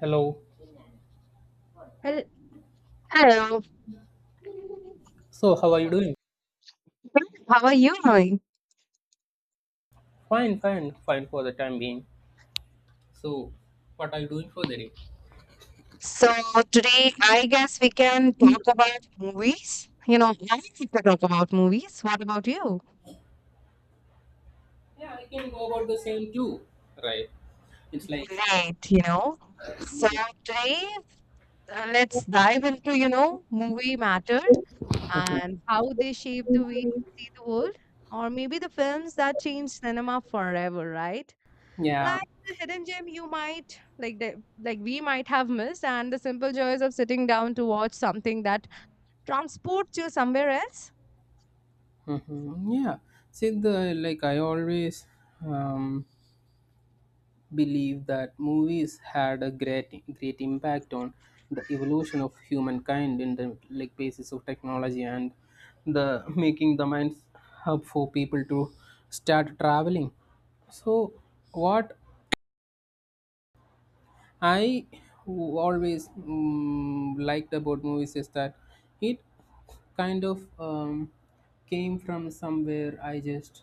Hello. Hel- Hello, So, how are you doing? how are you doing? Fine, fine, fine for the time being. So, what are you doing for the day? So today I guess we can talk about movies. You know, I like to talk about movies. What about you? Yeah, I can go about the same too. Right. It's like. Right, you know. So today let's dive into, you know, movie matter and how they shape the way we see the world, or maybe the films that change cinema forever, right? yeah. Like the hidden gem you might like like we might have missed and the simple joys of sitting down to watch something that transports you somewhere else? Yeah. See, the like I always um, believe that movies had a great impact on the evolution of humankind in the like basis of technology and the making the minds up for people to start traveling. So what I always liked about movies is that it kind of came from somewhere. I just,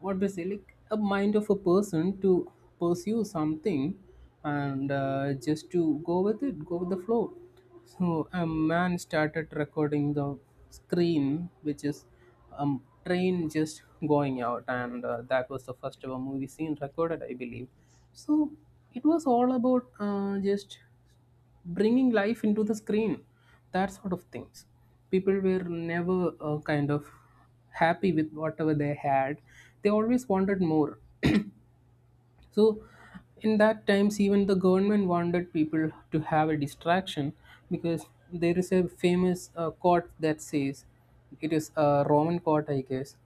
what do you say, like a mind of a person to pursue something and just to go with it, go with the flow. So a man started recording the screen, which is a train just going out, and that was the first ever movie scene recorded, I believe. So it was all about just bringing life into the screen, that sort of things. People were never kind of happy with whatever they had. They always wanted more. So in that times even the government wanted people to have a distraction, because there is a famous quote that says, it is a Roman quote I guess,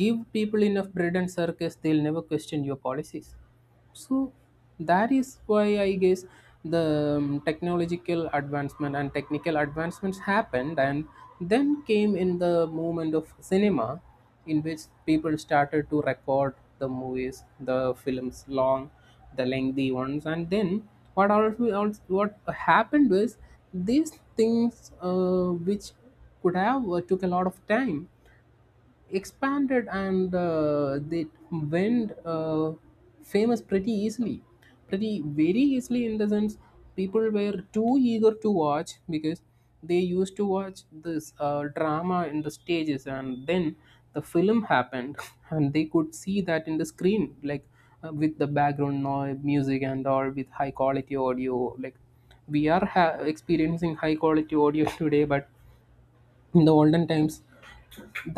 give people enough bread and circus, they'll never question your policies. So that is why I guess the technological advancement and technical advancements happened, and then came in the movement of cinema, in which people started to record the movies, the films, long, the lengthy ones. And then what also what happened was, these things which could have took a lot of time expanded, and they went famous pretty easily, pretty very easily, in the sense people were too eager to watch, because they used to watch this drama in the stages, and then the film happened and they could see that in the screen, like with the background noise music and all, with high quality audio, like we are experiencing high quality audio today. But in the olden times,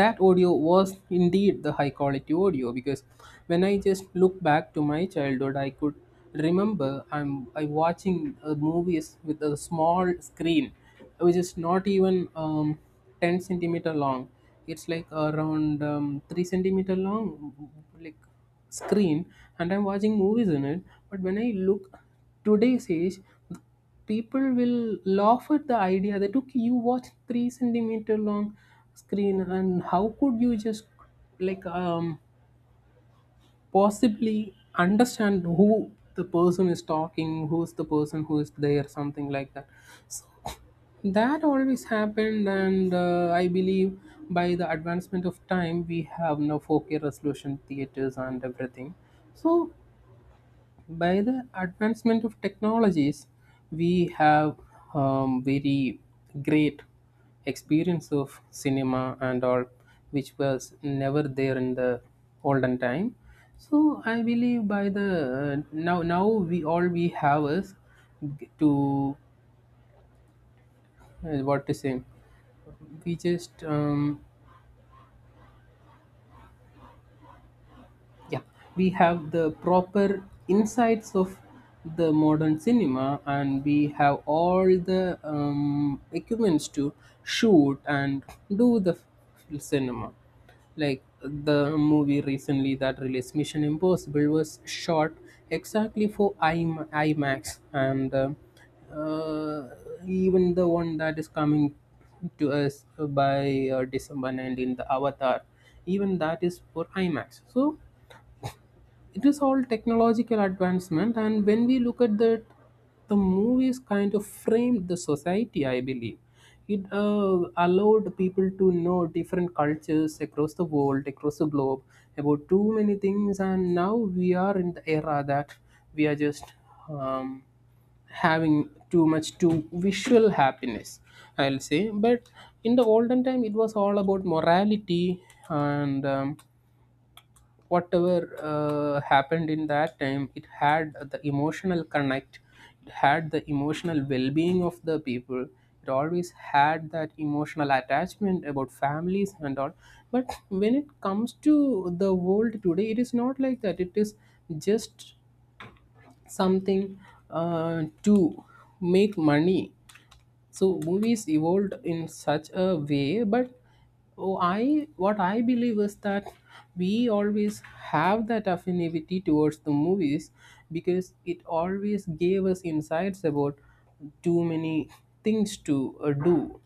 that audio was indeed the high quality audio, because when I just look back to my childhood, I could remember I watching movies with a small screen, which is not even ten centimeter long. It's like around three centimeter long, like, screen, and I'm watching movies in it. But when I look today's age, people will laugh at the idea that okay, you watch three centimeter long screen, and how could you just like um possibly understand who the person is talking, who's the person who is there, something like that. That always happened, and I believe by the advancement of time we have now 4K resolution theaters and everything. So by the advancement of technologies, we have very great experience of cinema and all, which was never there in the olden time. So I believe by the now we all we have is to what to say, we just yeah, we have the proper insights of the modern cinema, and we have all the equipments to shoot and do the cinema. Like the movie recently that released, Mission Impossible, was shot exactly for IMAX, and uh, even the one that is coming to us by December 19th, the Avatar, even that is for IMAX. So it is all technological advancement, and when we look at that, the movies kind of framed the society I believe. It allowed people to know different cultures across the world, across the globe, about too many things. And now we are in the era that we are just um, having too much to visual happiness, I'll say. But in the olden time it was all about morality, and whatever happened in that time, it had the emotional connect, it had the emotional well-being of the people, it always had that emotional attachment about families and all. But when it comes to the world today, it is not like that, it is just something to make money. So movies evolved in such a way. But oh, I, what I believe is that we always have that affinity towards the movies, because it always gave us insights about too many things to do.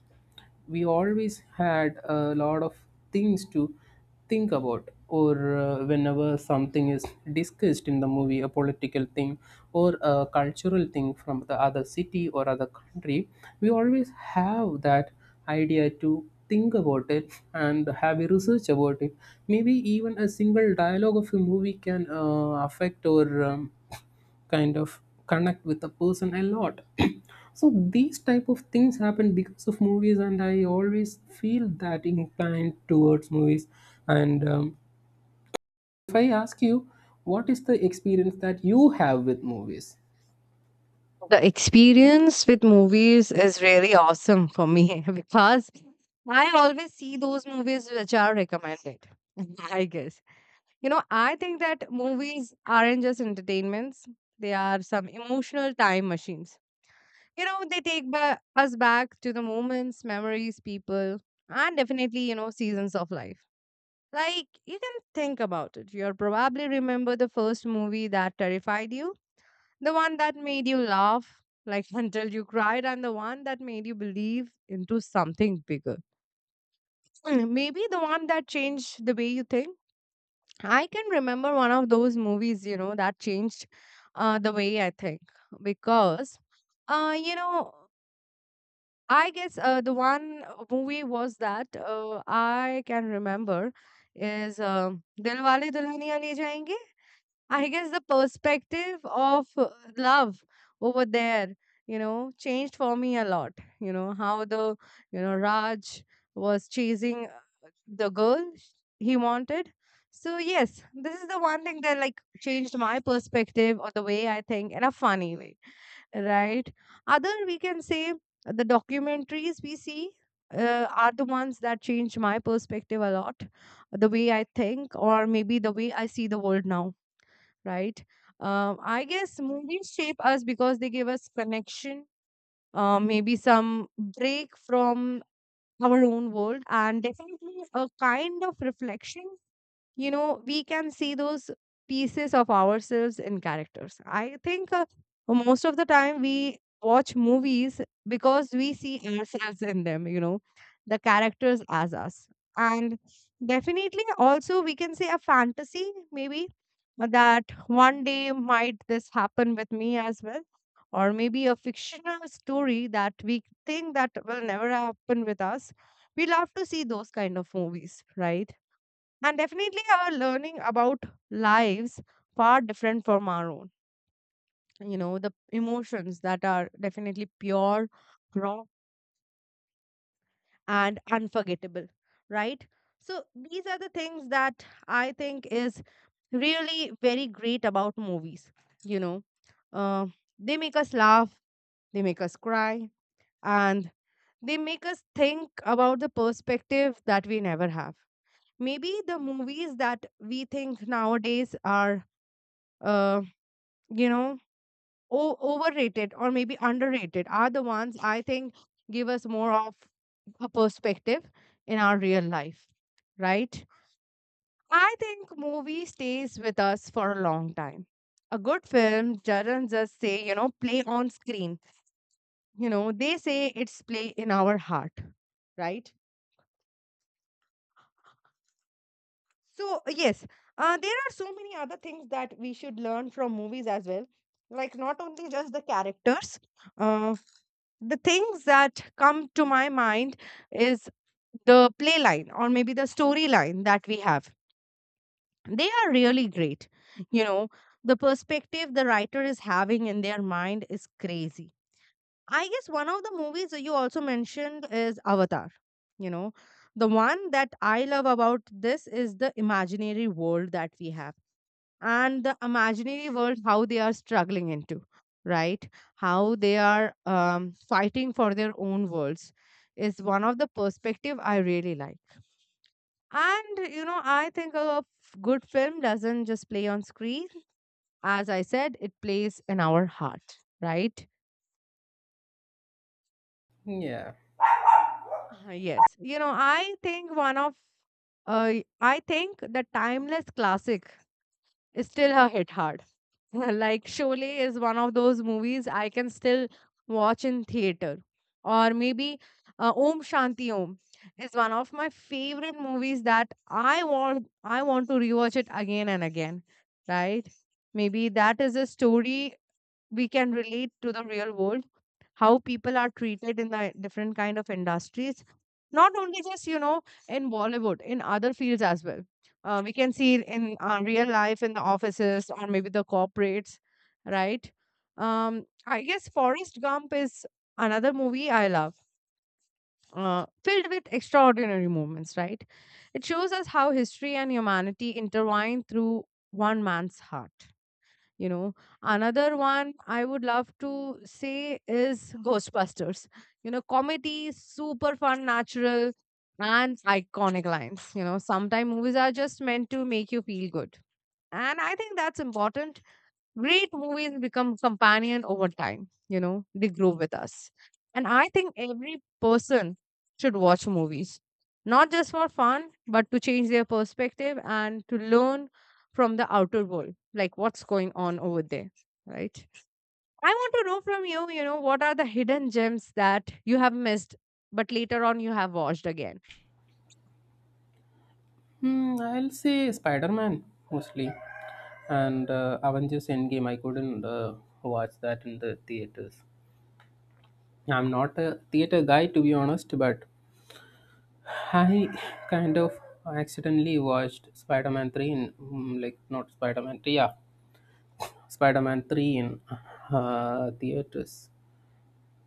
We always had a lot of things to think about, or whenever something is discussed in the movie, a political thing or a cultural thing from the other city or other country, we always have that idea to think about it and have a research about it. Maybe even a single dialogue of a movie can affect or kind of connect with a person a lot. So these type of things happen because of movies, and I always feel that inclined towards movies. And if I ask you, what is the experience that you have with movies? The experience with movies is really awesome for me because I always see those movies which are recommended. I guess. You know, I think that movies aren't just entertainments, they are some emotional time machines. You know, they take us back to the moments, memories, people, and definitely, you know, seasons of life. Like, you can think about it. You'll probably remember the first movie that terrified you. The one that made you laugh, like until you cried, and the one that made you believe into something bigger. Mm, maybe the one that changed the way you think. I can remember one of those movies, you know, that changed the way I think because, you know, I guess the one movie was that I can remember is Dilwale Dulhaniya Le Jayenge. I guess the perspective of love over there, you know, changed for me a lot. You know, how the, you know, Raj was chasing the girl he wanted. So, yes, this is the one thing that like changed my perspective or the way I think in a funny way, right? Other, we can say the documentaries we see. Are the ones that change my perspective a lot, the way I think, or maybe the way I see the world now, right? I guess movies shape us because they give us connection, maybe some break from our own world, and definitely a kind of reflection. You know, we can see those pieces of ourselves in characters. I think most of the time we watch movies because we see ourselves in them, you know, the characters as us, and definitely also we can say a fantasy, maybe that one day might this happen with me as well, or maybe a fictional story that we think that will never happen with us. We love to see those kind of movies, right? And definitely our learning about lives far different from our own. You know, the emotions that are definitely pure, raw, and unforgettable, right? So these are the things that I think is really very great about movies. You know, uh, they make us laugh, they make us cry, and they make us think about the perspective that we never have. Maybe the movies that we think nowadays are uh, you know overrated or maybe underrated are the ones I think give us more of a perspective in our real life, right? I think movie stays with us for a long time. A good film doesn't just say, you know, play on screen. You know, they say it's play in our heart, right? So yes, there are so many other things that we should learn from movies as well, like not only just the characters. uh, the things that come to my mind is the play line or maybe the storyline that we have. They are really great. You know, the perspective the writer is having in their mind is crazy. I guess one of the movies that you also mentioned is Avatar. You know, the one that I love about this is the imaginary world that we have and the imaginary world how they are struggling into, right? How they are fighting for their own worlds is one of the perspective I really like. And you know, I think a good film doesn't just play on screen, as I said, it plays in our heart, right? Yeah. Yes, you know, I think one of uh, I think the timeless classic is still a hit hard. Like Sholay is one of those movies I can still watch in theater. Or maybe Om Shanti Om is one of my favorite movies that I want to rewatch it again and again, right? Maybe that is a story we can relate to the real world, how people are treated in the different kind of industries, not only just, you know, in Bollywood, in other fields as well. We can see it in real life in the offices or maybe the corporates, right? Um, I guess Forrest Gump is another movie I love, filled with extraordinary moments, right? It shows us how history and humanity intertwine through one man's heart, you know. Another one I would love to say is Ghostbusters. You know, comedy, super fun, natural, and iconic lines. You know, sometimes movies are just meant to make you feel good, and I think that's important. Great movies become companion over time, you know, they grow with us. And I think every person should watch movies, not just for fun, but to change their perspective and to learn from the outer world, like what's going on over there, right? I want to know from you, you know, what are the hidden gems that you have missed, but later on you have watched again? I'll say Spider-Man, mostly. And Avengers Endgame, I couldn't watch that in the theaters. I'm not a theater guy to be honest, but I kind of accidentally watched Spider Man 3 in, mm, like, not Spider Man 3, yeah, Spider Man 3 in theaters,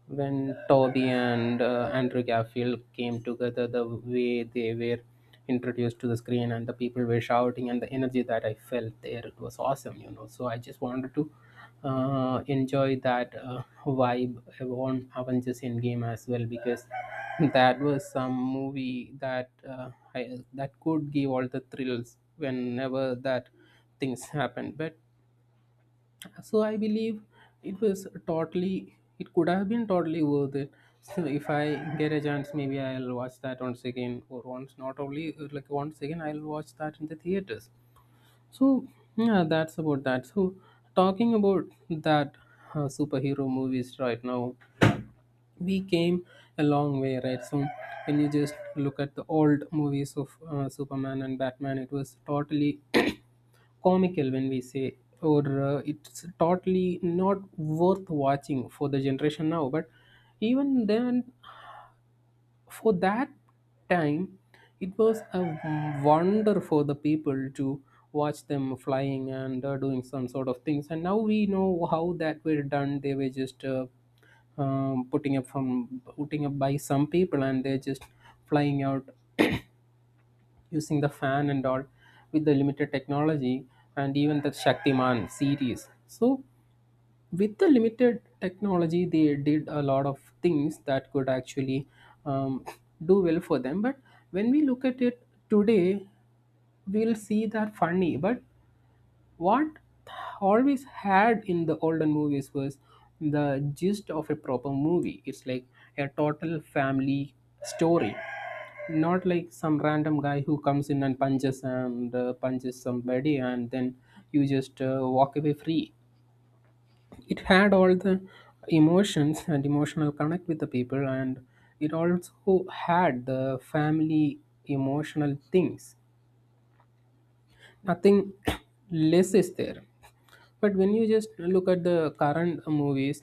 when Toby and Andrew Garfield came together, the way they were introduced to the screen and the people were shouting and the energy that I felt there, it was awesome, you know. So I just wanted to enjoy that vibe on Avengers Endgame as well, because that was some movie that that could give all the thrills whenever that things happened. But so I believe it was totally, it could have been totally worth it. Still, if I get a chance, maybe I'll watch that once again or once, not only like once again, I'll watch that in the theaters. So yeah, that's about that. So talking about that superhero movies right now, we came a long way, right? So when you just look at the old movies of Superman and Batman, it was totally comical when we say, or it's totally not worth watching for the generation now. But even then, for that time, it was a wonder for the people to watch them flying and doing some sort of things, and now we know how that were done. They were just putting up by some people, and they're just flying out using the fan and all, with the limited technology, and even the Shaktiman series. So with the limited technology, they did a lot of things that could actually um, do well for them. But when we look at it today, we'll see that funny. But what always had in the olden movies was the gist of a proper movie. It's like a total family story, not like some random guy who comes in and punches somebody, and then you just walk away free. It had all the emotions and emotional connect with the people, and it also had the family emotional things, nothing less is there. But when you just look at the current movies,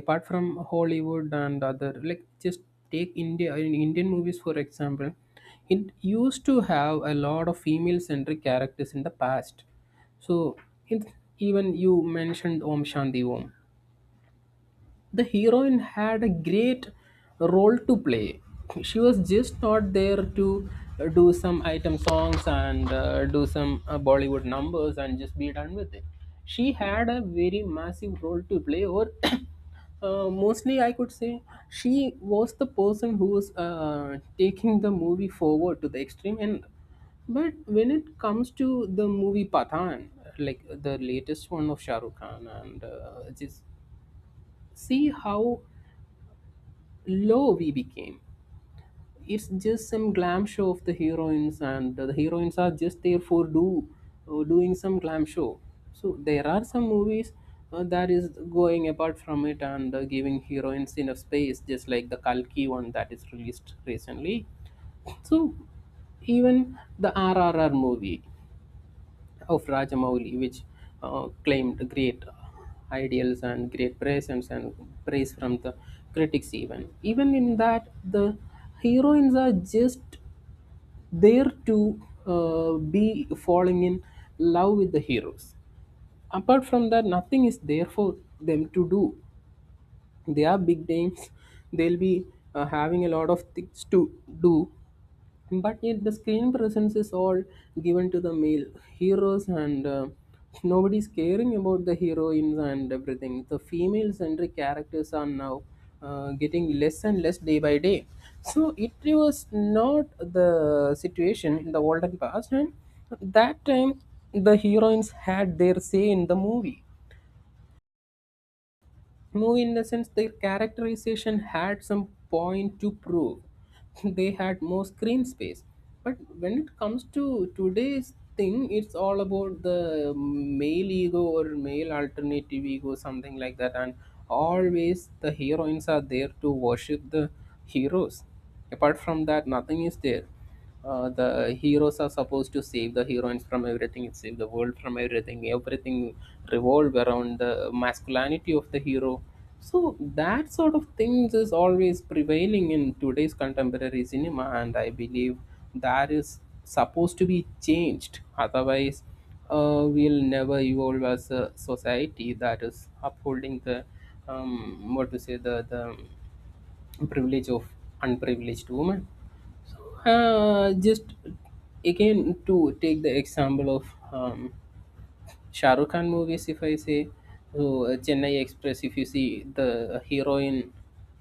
apart from Hollywood and other, like, just take India, in Indian movies for example, it used to have a lot of female centric characters in the past. So it, even you mentioned Om Shanti Om, the heroine had a great role to play. She was just not there to do some item songs and do some Bollywood numbers and just be done with it. She had a very massive role to play, or mostly I could say she was the person who was taking the movie forward to the extreme end. But when it comes to the movie Pathan, like the latest one of Shah Rukh Khan, and just see how low we became. It's just some glam show of the heroines, and the heroines are just there for do doing some glam show. So there are some movies that is going apart from it and giving heroines enough space, just like the Kalki one that is released recently. So even the RRR movie, of Rajamouli, which claimed great ideals and great presence and praise from the critics even. Even in that, the heroines are just there to be falling in love with the heroes. Apart from that, nothing is there for them to do. They are big names. They'll be having a lot of things to do, but yet the screen presence is all given to the male heroes, and nobody's caring about the heroines, and everything, the female centric characters are now getting less and less day by day. So it was not the situation in the olden past, and that time the heroines had their say in the movie, more in the sense their characterization had some point to prove. They had more screen space. But when it comes to today's thing, it's all about the male ego or male alternative ego, something like that. And always the heroines are there to worship the heroes. Apart from that, nothing is there. The heroes are supposed to save the heroines from everything, save the world from everything, everything revolve around the masculinity of the hero. So that sort of things is always prevailing in today's contemporary cinema, and I believe that is supposed to be changed. Otherwise, we'll never evolve as a society that is upholding the, what to say, the privilege of unprivileged women. So, just again to take the example of um, Shah Rukh Khan movies, if I say, so, Chennai Express, if you see, the heroine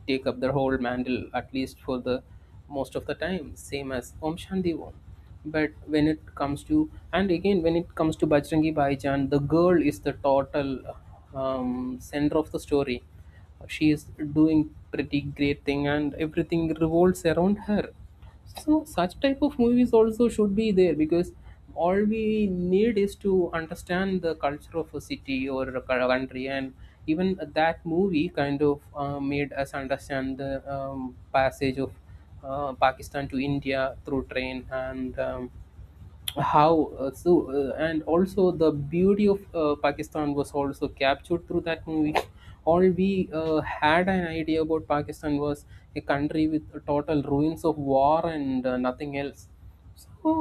take up the whole mantle, at least for the most of the time, same as Om Shanti Om. But when it comes to, and again, when it comes to Bajrangi Bhaijaan, the girl is the total center of the story. She is doing pretty great thing, and everything revolves around her. So such type of movies also should be there, because all we need is to understand the culture of a city or a country, and even that movie kind of made us understand the passage of Pakistan to India through train and. How so and also the beauty of Pakistan was also captured through that movie. All we had an idea about Pakistan was a country with total ruins of war and nothing else. So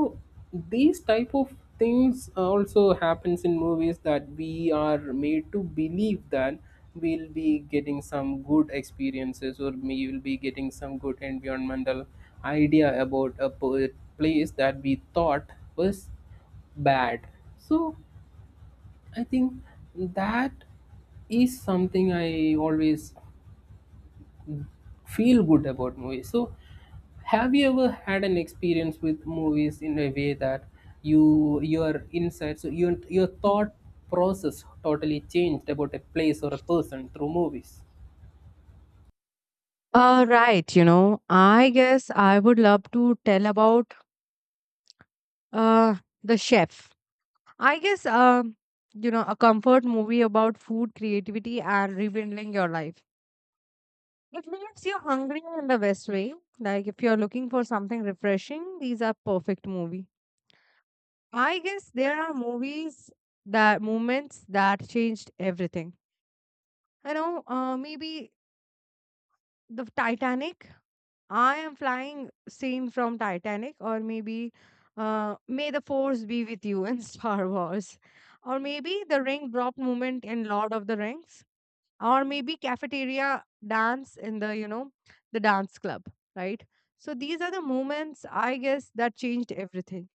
these type of things also happens in movies, that we are made to believe that we'll be getting some good experiences, or we will be getting some good environmental idea about a place that we thought was bad. So I think that is something I always feel good about movies. So, have you ever had an experience with movies in a way that your insights, so your thought process totally changed about a place or a person through movies? Right, you know, I guess I would love to tell about uh, the chef. I guess, you know, a comfort movie about food, creativity, and rekindling your life. It leaves you hungry in the best way. Like if you're looking for something refreshing, these are perfect movie. I guess there are movies that moments that changed everything. You know, maybe the Titanic. I am flying scene from Titanic, or maybe May the Force be with you in Star Wars, or maybe the ring drop moment in Lord of the Rings, or maybe cafeteria dance in the, you know, the dance club, right? So these are the moments I guess that changed everything.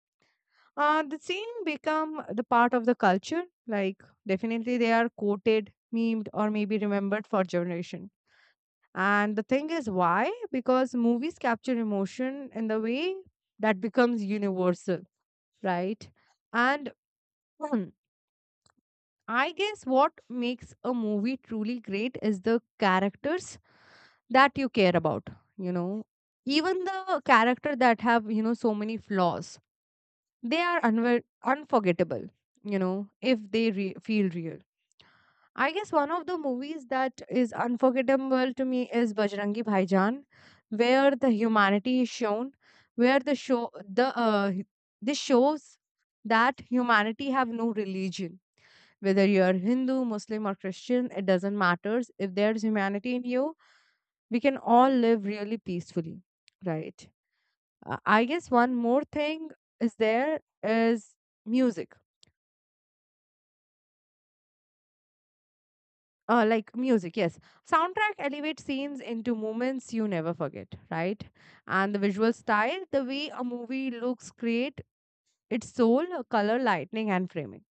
The scene become the part of the culture, like definitely they are quoted, memed, or maybe remembered for generation. And the thing is why? Because movies capture emotion in the way that becomes universal, right? And I guess what makes a movie truly great is the characters that you care about, you know. Even the character that have, you know, so many flaws, they are unforgettable, you know, if they feel real. I guess one of the movies that is unforgettable to me is Bajrangi Bhaijaan, where the humanity is shown, where the show the this shows that humanity have no religion. Whether you are Hindu, Muslim, or Christian, it doesn't matters if there's humanity in you, we can all live really peacefully, right? I guess one more thing is there is music. Like music, yes. Soundtrack elevates scenes into moments you never forget, right? And the visual style, the way a movie looks, create its soul, color, lightning, and framing.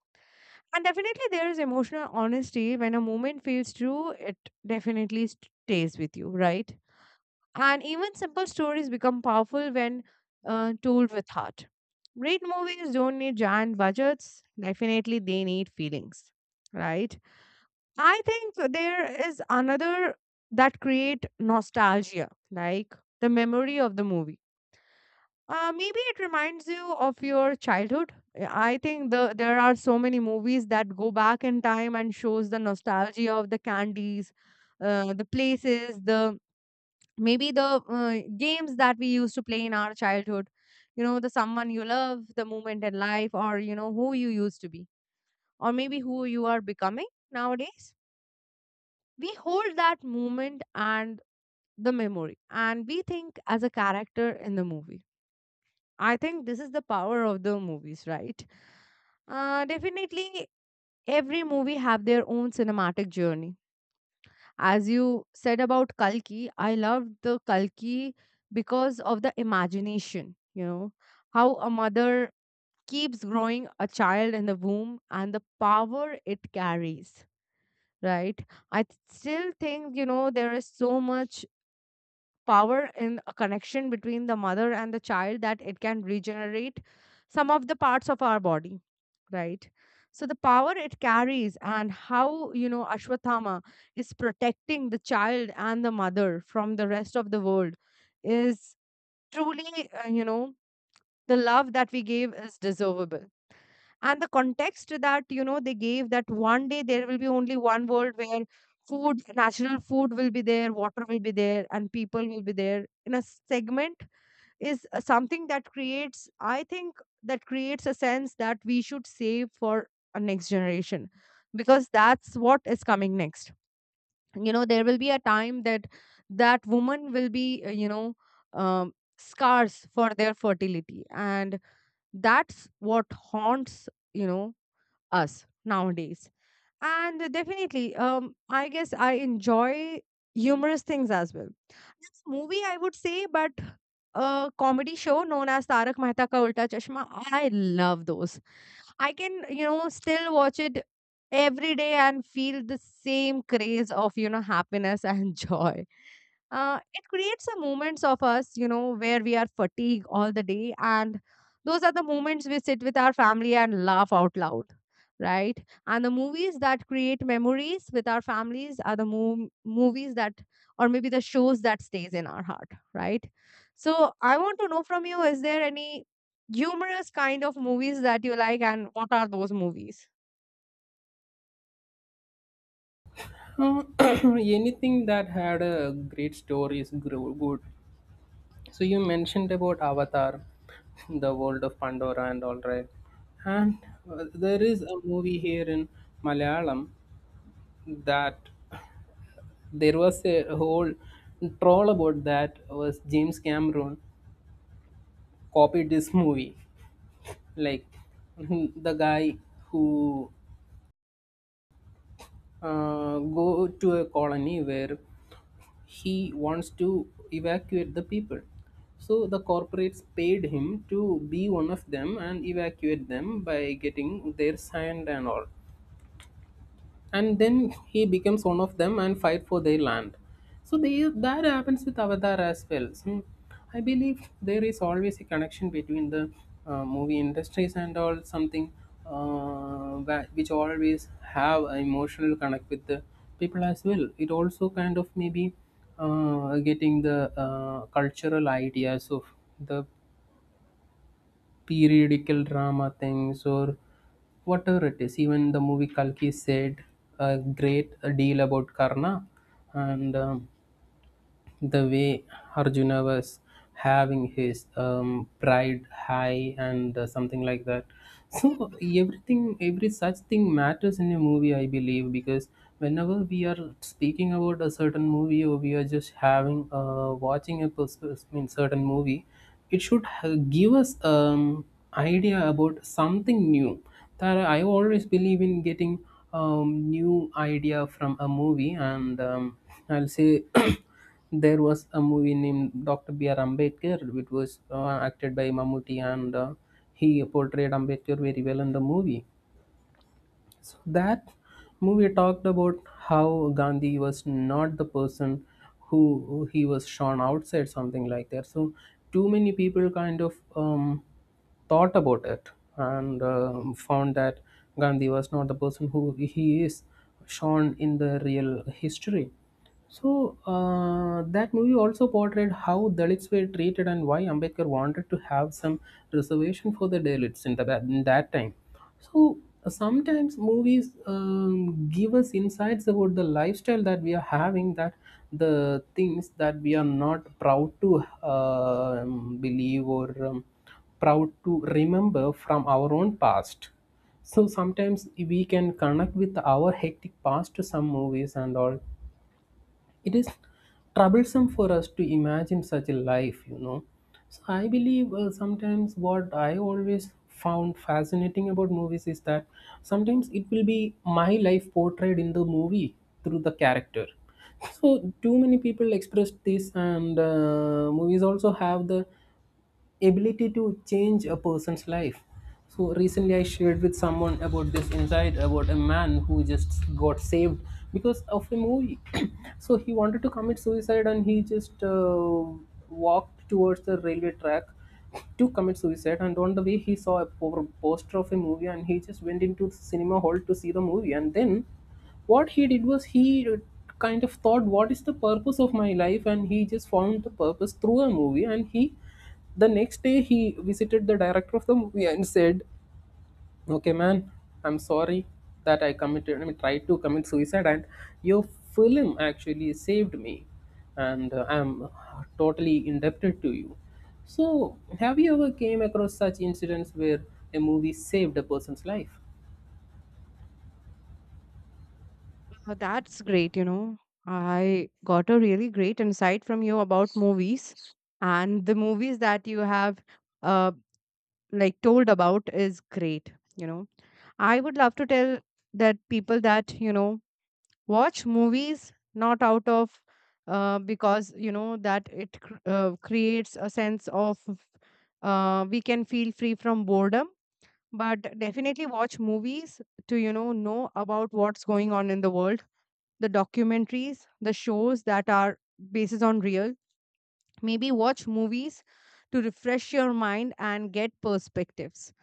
And definitely, there is emotional honesty. When a moment feels true, it definitely stays with you, right? And even simple stories become powerful when told with heart. Great movies don't need giant budgets, definitely, they need feelings, right? I think there is another that create nostalgia, like the memory of the movie. Maybe it reminds you of your childhood. I think there are so many movies that go back in time and shows the nostalgia of the candies, the places, the games that we used to play in our childhood. You know, the someone you love, the moment in life, or you know who you used to be, or maybe who you are becoming nowadays. We hold that moment and the memory and we think as a character in the movie. I think this is the power of the movies, right? Definitely every movie have their own cinematic journey. As you said about Kalki, I loved the Kalki because of the imagination, you know, how a mother keeps growing a child in the womb and the power it carries, right? Still think, you know, there is so much power in a connection between the mother and the child that it can regenerate some of the parts of our body, right? So the power it carries and how, you know, Ashwathama is protecting the child and the mother from the rest of the world is truly you know, the love that we gave is deservable. And the context that, you know, they gave that one day there will be only one world where food, natural food will be there, water will be there, and people will be there in a segment is something that creates, I think that creates a sense that we should save for a next generation because that's what is coming next. You know, there will be a time that that woman will be, you know, um, scars for their fertility, and that's what haunts, you know, us nowadays. And definitely, I guess I enjoy humorous things as well. Next movie, I would say, but a comedy show known as Tarak Mehta Ka Ulta Chashma, I love those. I can, you know, still watch it every day and feel the same craze of, you know, happiness and joy. It creates a moments of us, you know, where we are fatigued all the day. And those are the moments we sit with our family and laugh out loud, right? And the movies that create memories with our families are the movies that, or maybe the shows that stays in our heart, right? So I want to know from you, is there any humorous kind of movies that you like and what are those movies? Anything that had a great story is good. So you mentioned about Avatar, the world of Pandora, and all right. And there is a movie here in Malayalam that there was a whole troll about, that was James Cameron copied this movie. Like the guy who go to a colony where he wants to evacuate the people, so the corporates paid him to be one of them and evacuate them by getting their sand and all, and then he becomes one of them and fight for their land. So they, that happens with Avatar as well. So I believe there is always a connection between the movie industries and all, something which always have an emotional connect with the people as well. It also kind of maybe getting the cultural ideas of the periodical drama things or whatever it is. Even the movie Kalki said a great deal about Karna, and the way Arjuna was having his pride high and something like that. So everything, every such thing matters in a movie, I believe, because whenever we are speaking about a certain movie, or we are just having watching a mean certain movie, it should give us idea about something new. That I always believe in, getting new idea from a movie. And I'll say there was a movie named Dr. B R Ambedkar, which was acted by Mammootty, and he portrayed Ambedkar very well in the movie. So that movie talked about how Gandhi was not the person who he was shown outside, something like that. So too many people kind of thought about it and found that Gandhi was not the person who he is shown in the real history. So that movie also portrayed how Dalits were treated and why Ambedkar wanted to have some reservation for the Dalits in, the, in that time. So sometimes movies give us insights about the lifestyle that we are having, that the things that we are not proud to believe or proud to remember from our own past. So sometimes we can connect with our hectic past to some movies and all. It is troublesome for us to imagine such a life, you know. So I believe sometimes what I always found fascinating about movies is that sometimes it will be my life portrayed in the movie through the character. So too many people expressed this, and movies also have the ability to change a person's life. So recently, I shared with someone about this insight about a man who just got saved because of a movie. So he wanted to commit suicide and he just walked towards the railway track to commit suicide. And on the way, he saw a poster of a movie, and he just went into the cinema hall to see the movie. And then what he did was, he kind of thought, what is the purpose of my life, and he just found the purpose through a movie. And he the next day he visited the director of the movie and said, okay man, I'm sorry that I committed I mean tried to commit suicide, and your film actually saved me, and I'm totally indebted to you. So have you ever came across such incidents where a movie saved a person's life? That's great, you know. I got a really great insight from you about movies and the movies that you have uh like told about is great, you know. I would love to tell that people that, you know, watch movies not out of because you know that it creates a sense of we can feel free from boredom, but definitely watch movies to, you know about what's going on in the world, the documentaries, the shows that are basis on real. Maybe watch movies to refresh your mind and get perspectives.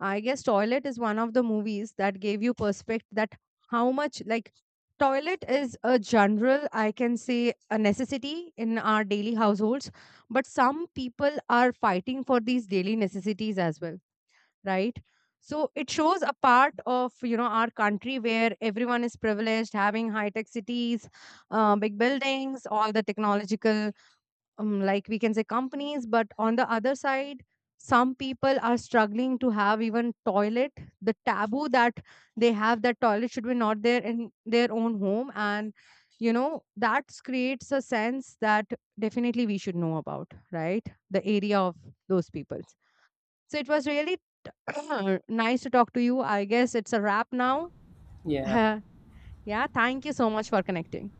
I guess Toilet is one of the movies that gave you perspective that how much like toilet is a general, I can say, a necessity in our daily households, but some people are fighting for these daily necessities as well, right? So it shows a part of, you know, our country where everyone is privileged, having high tech cities, big buildings, all the technological like we can say companies. But on the other side, some people are struggling to have even toilet. The taboo that they have that toilet should be not there in their own home, and you know that creates a sense that definitely we should know about, right? The area of those peoples. So it was really nice to talk to you. I guess it's a wrap now. Yeah. Yeah, thank you so much for connecting.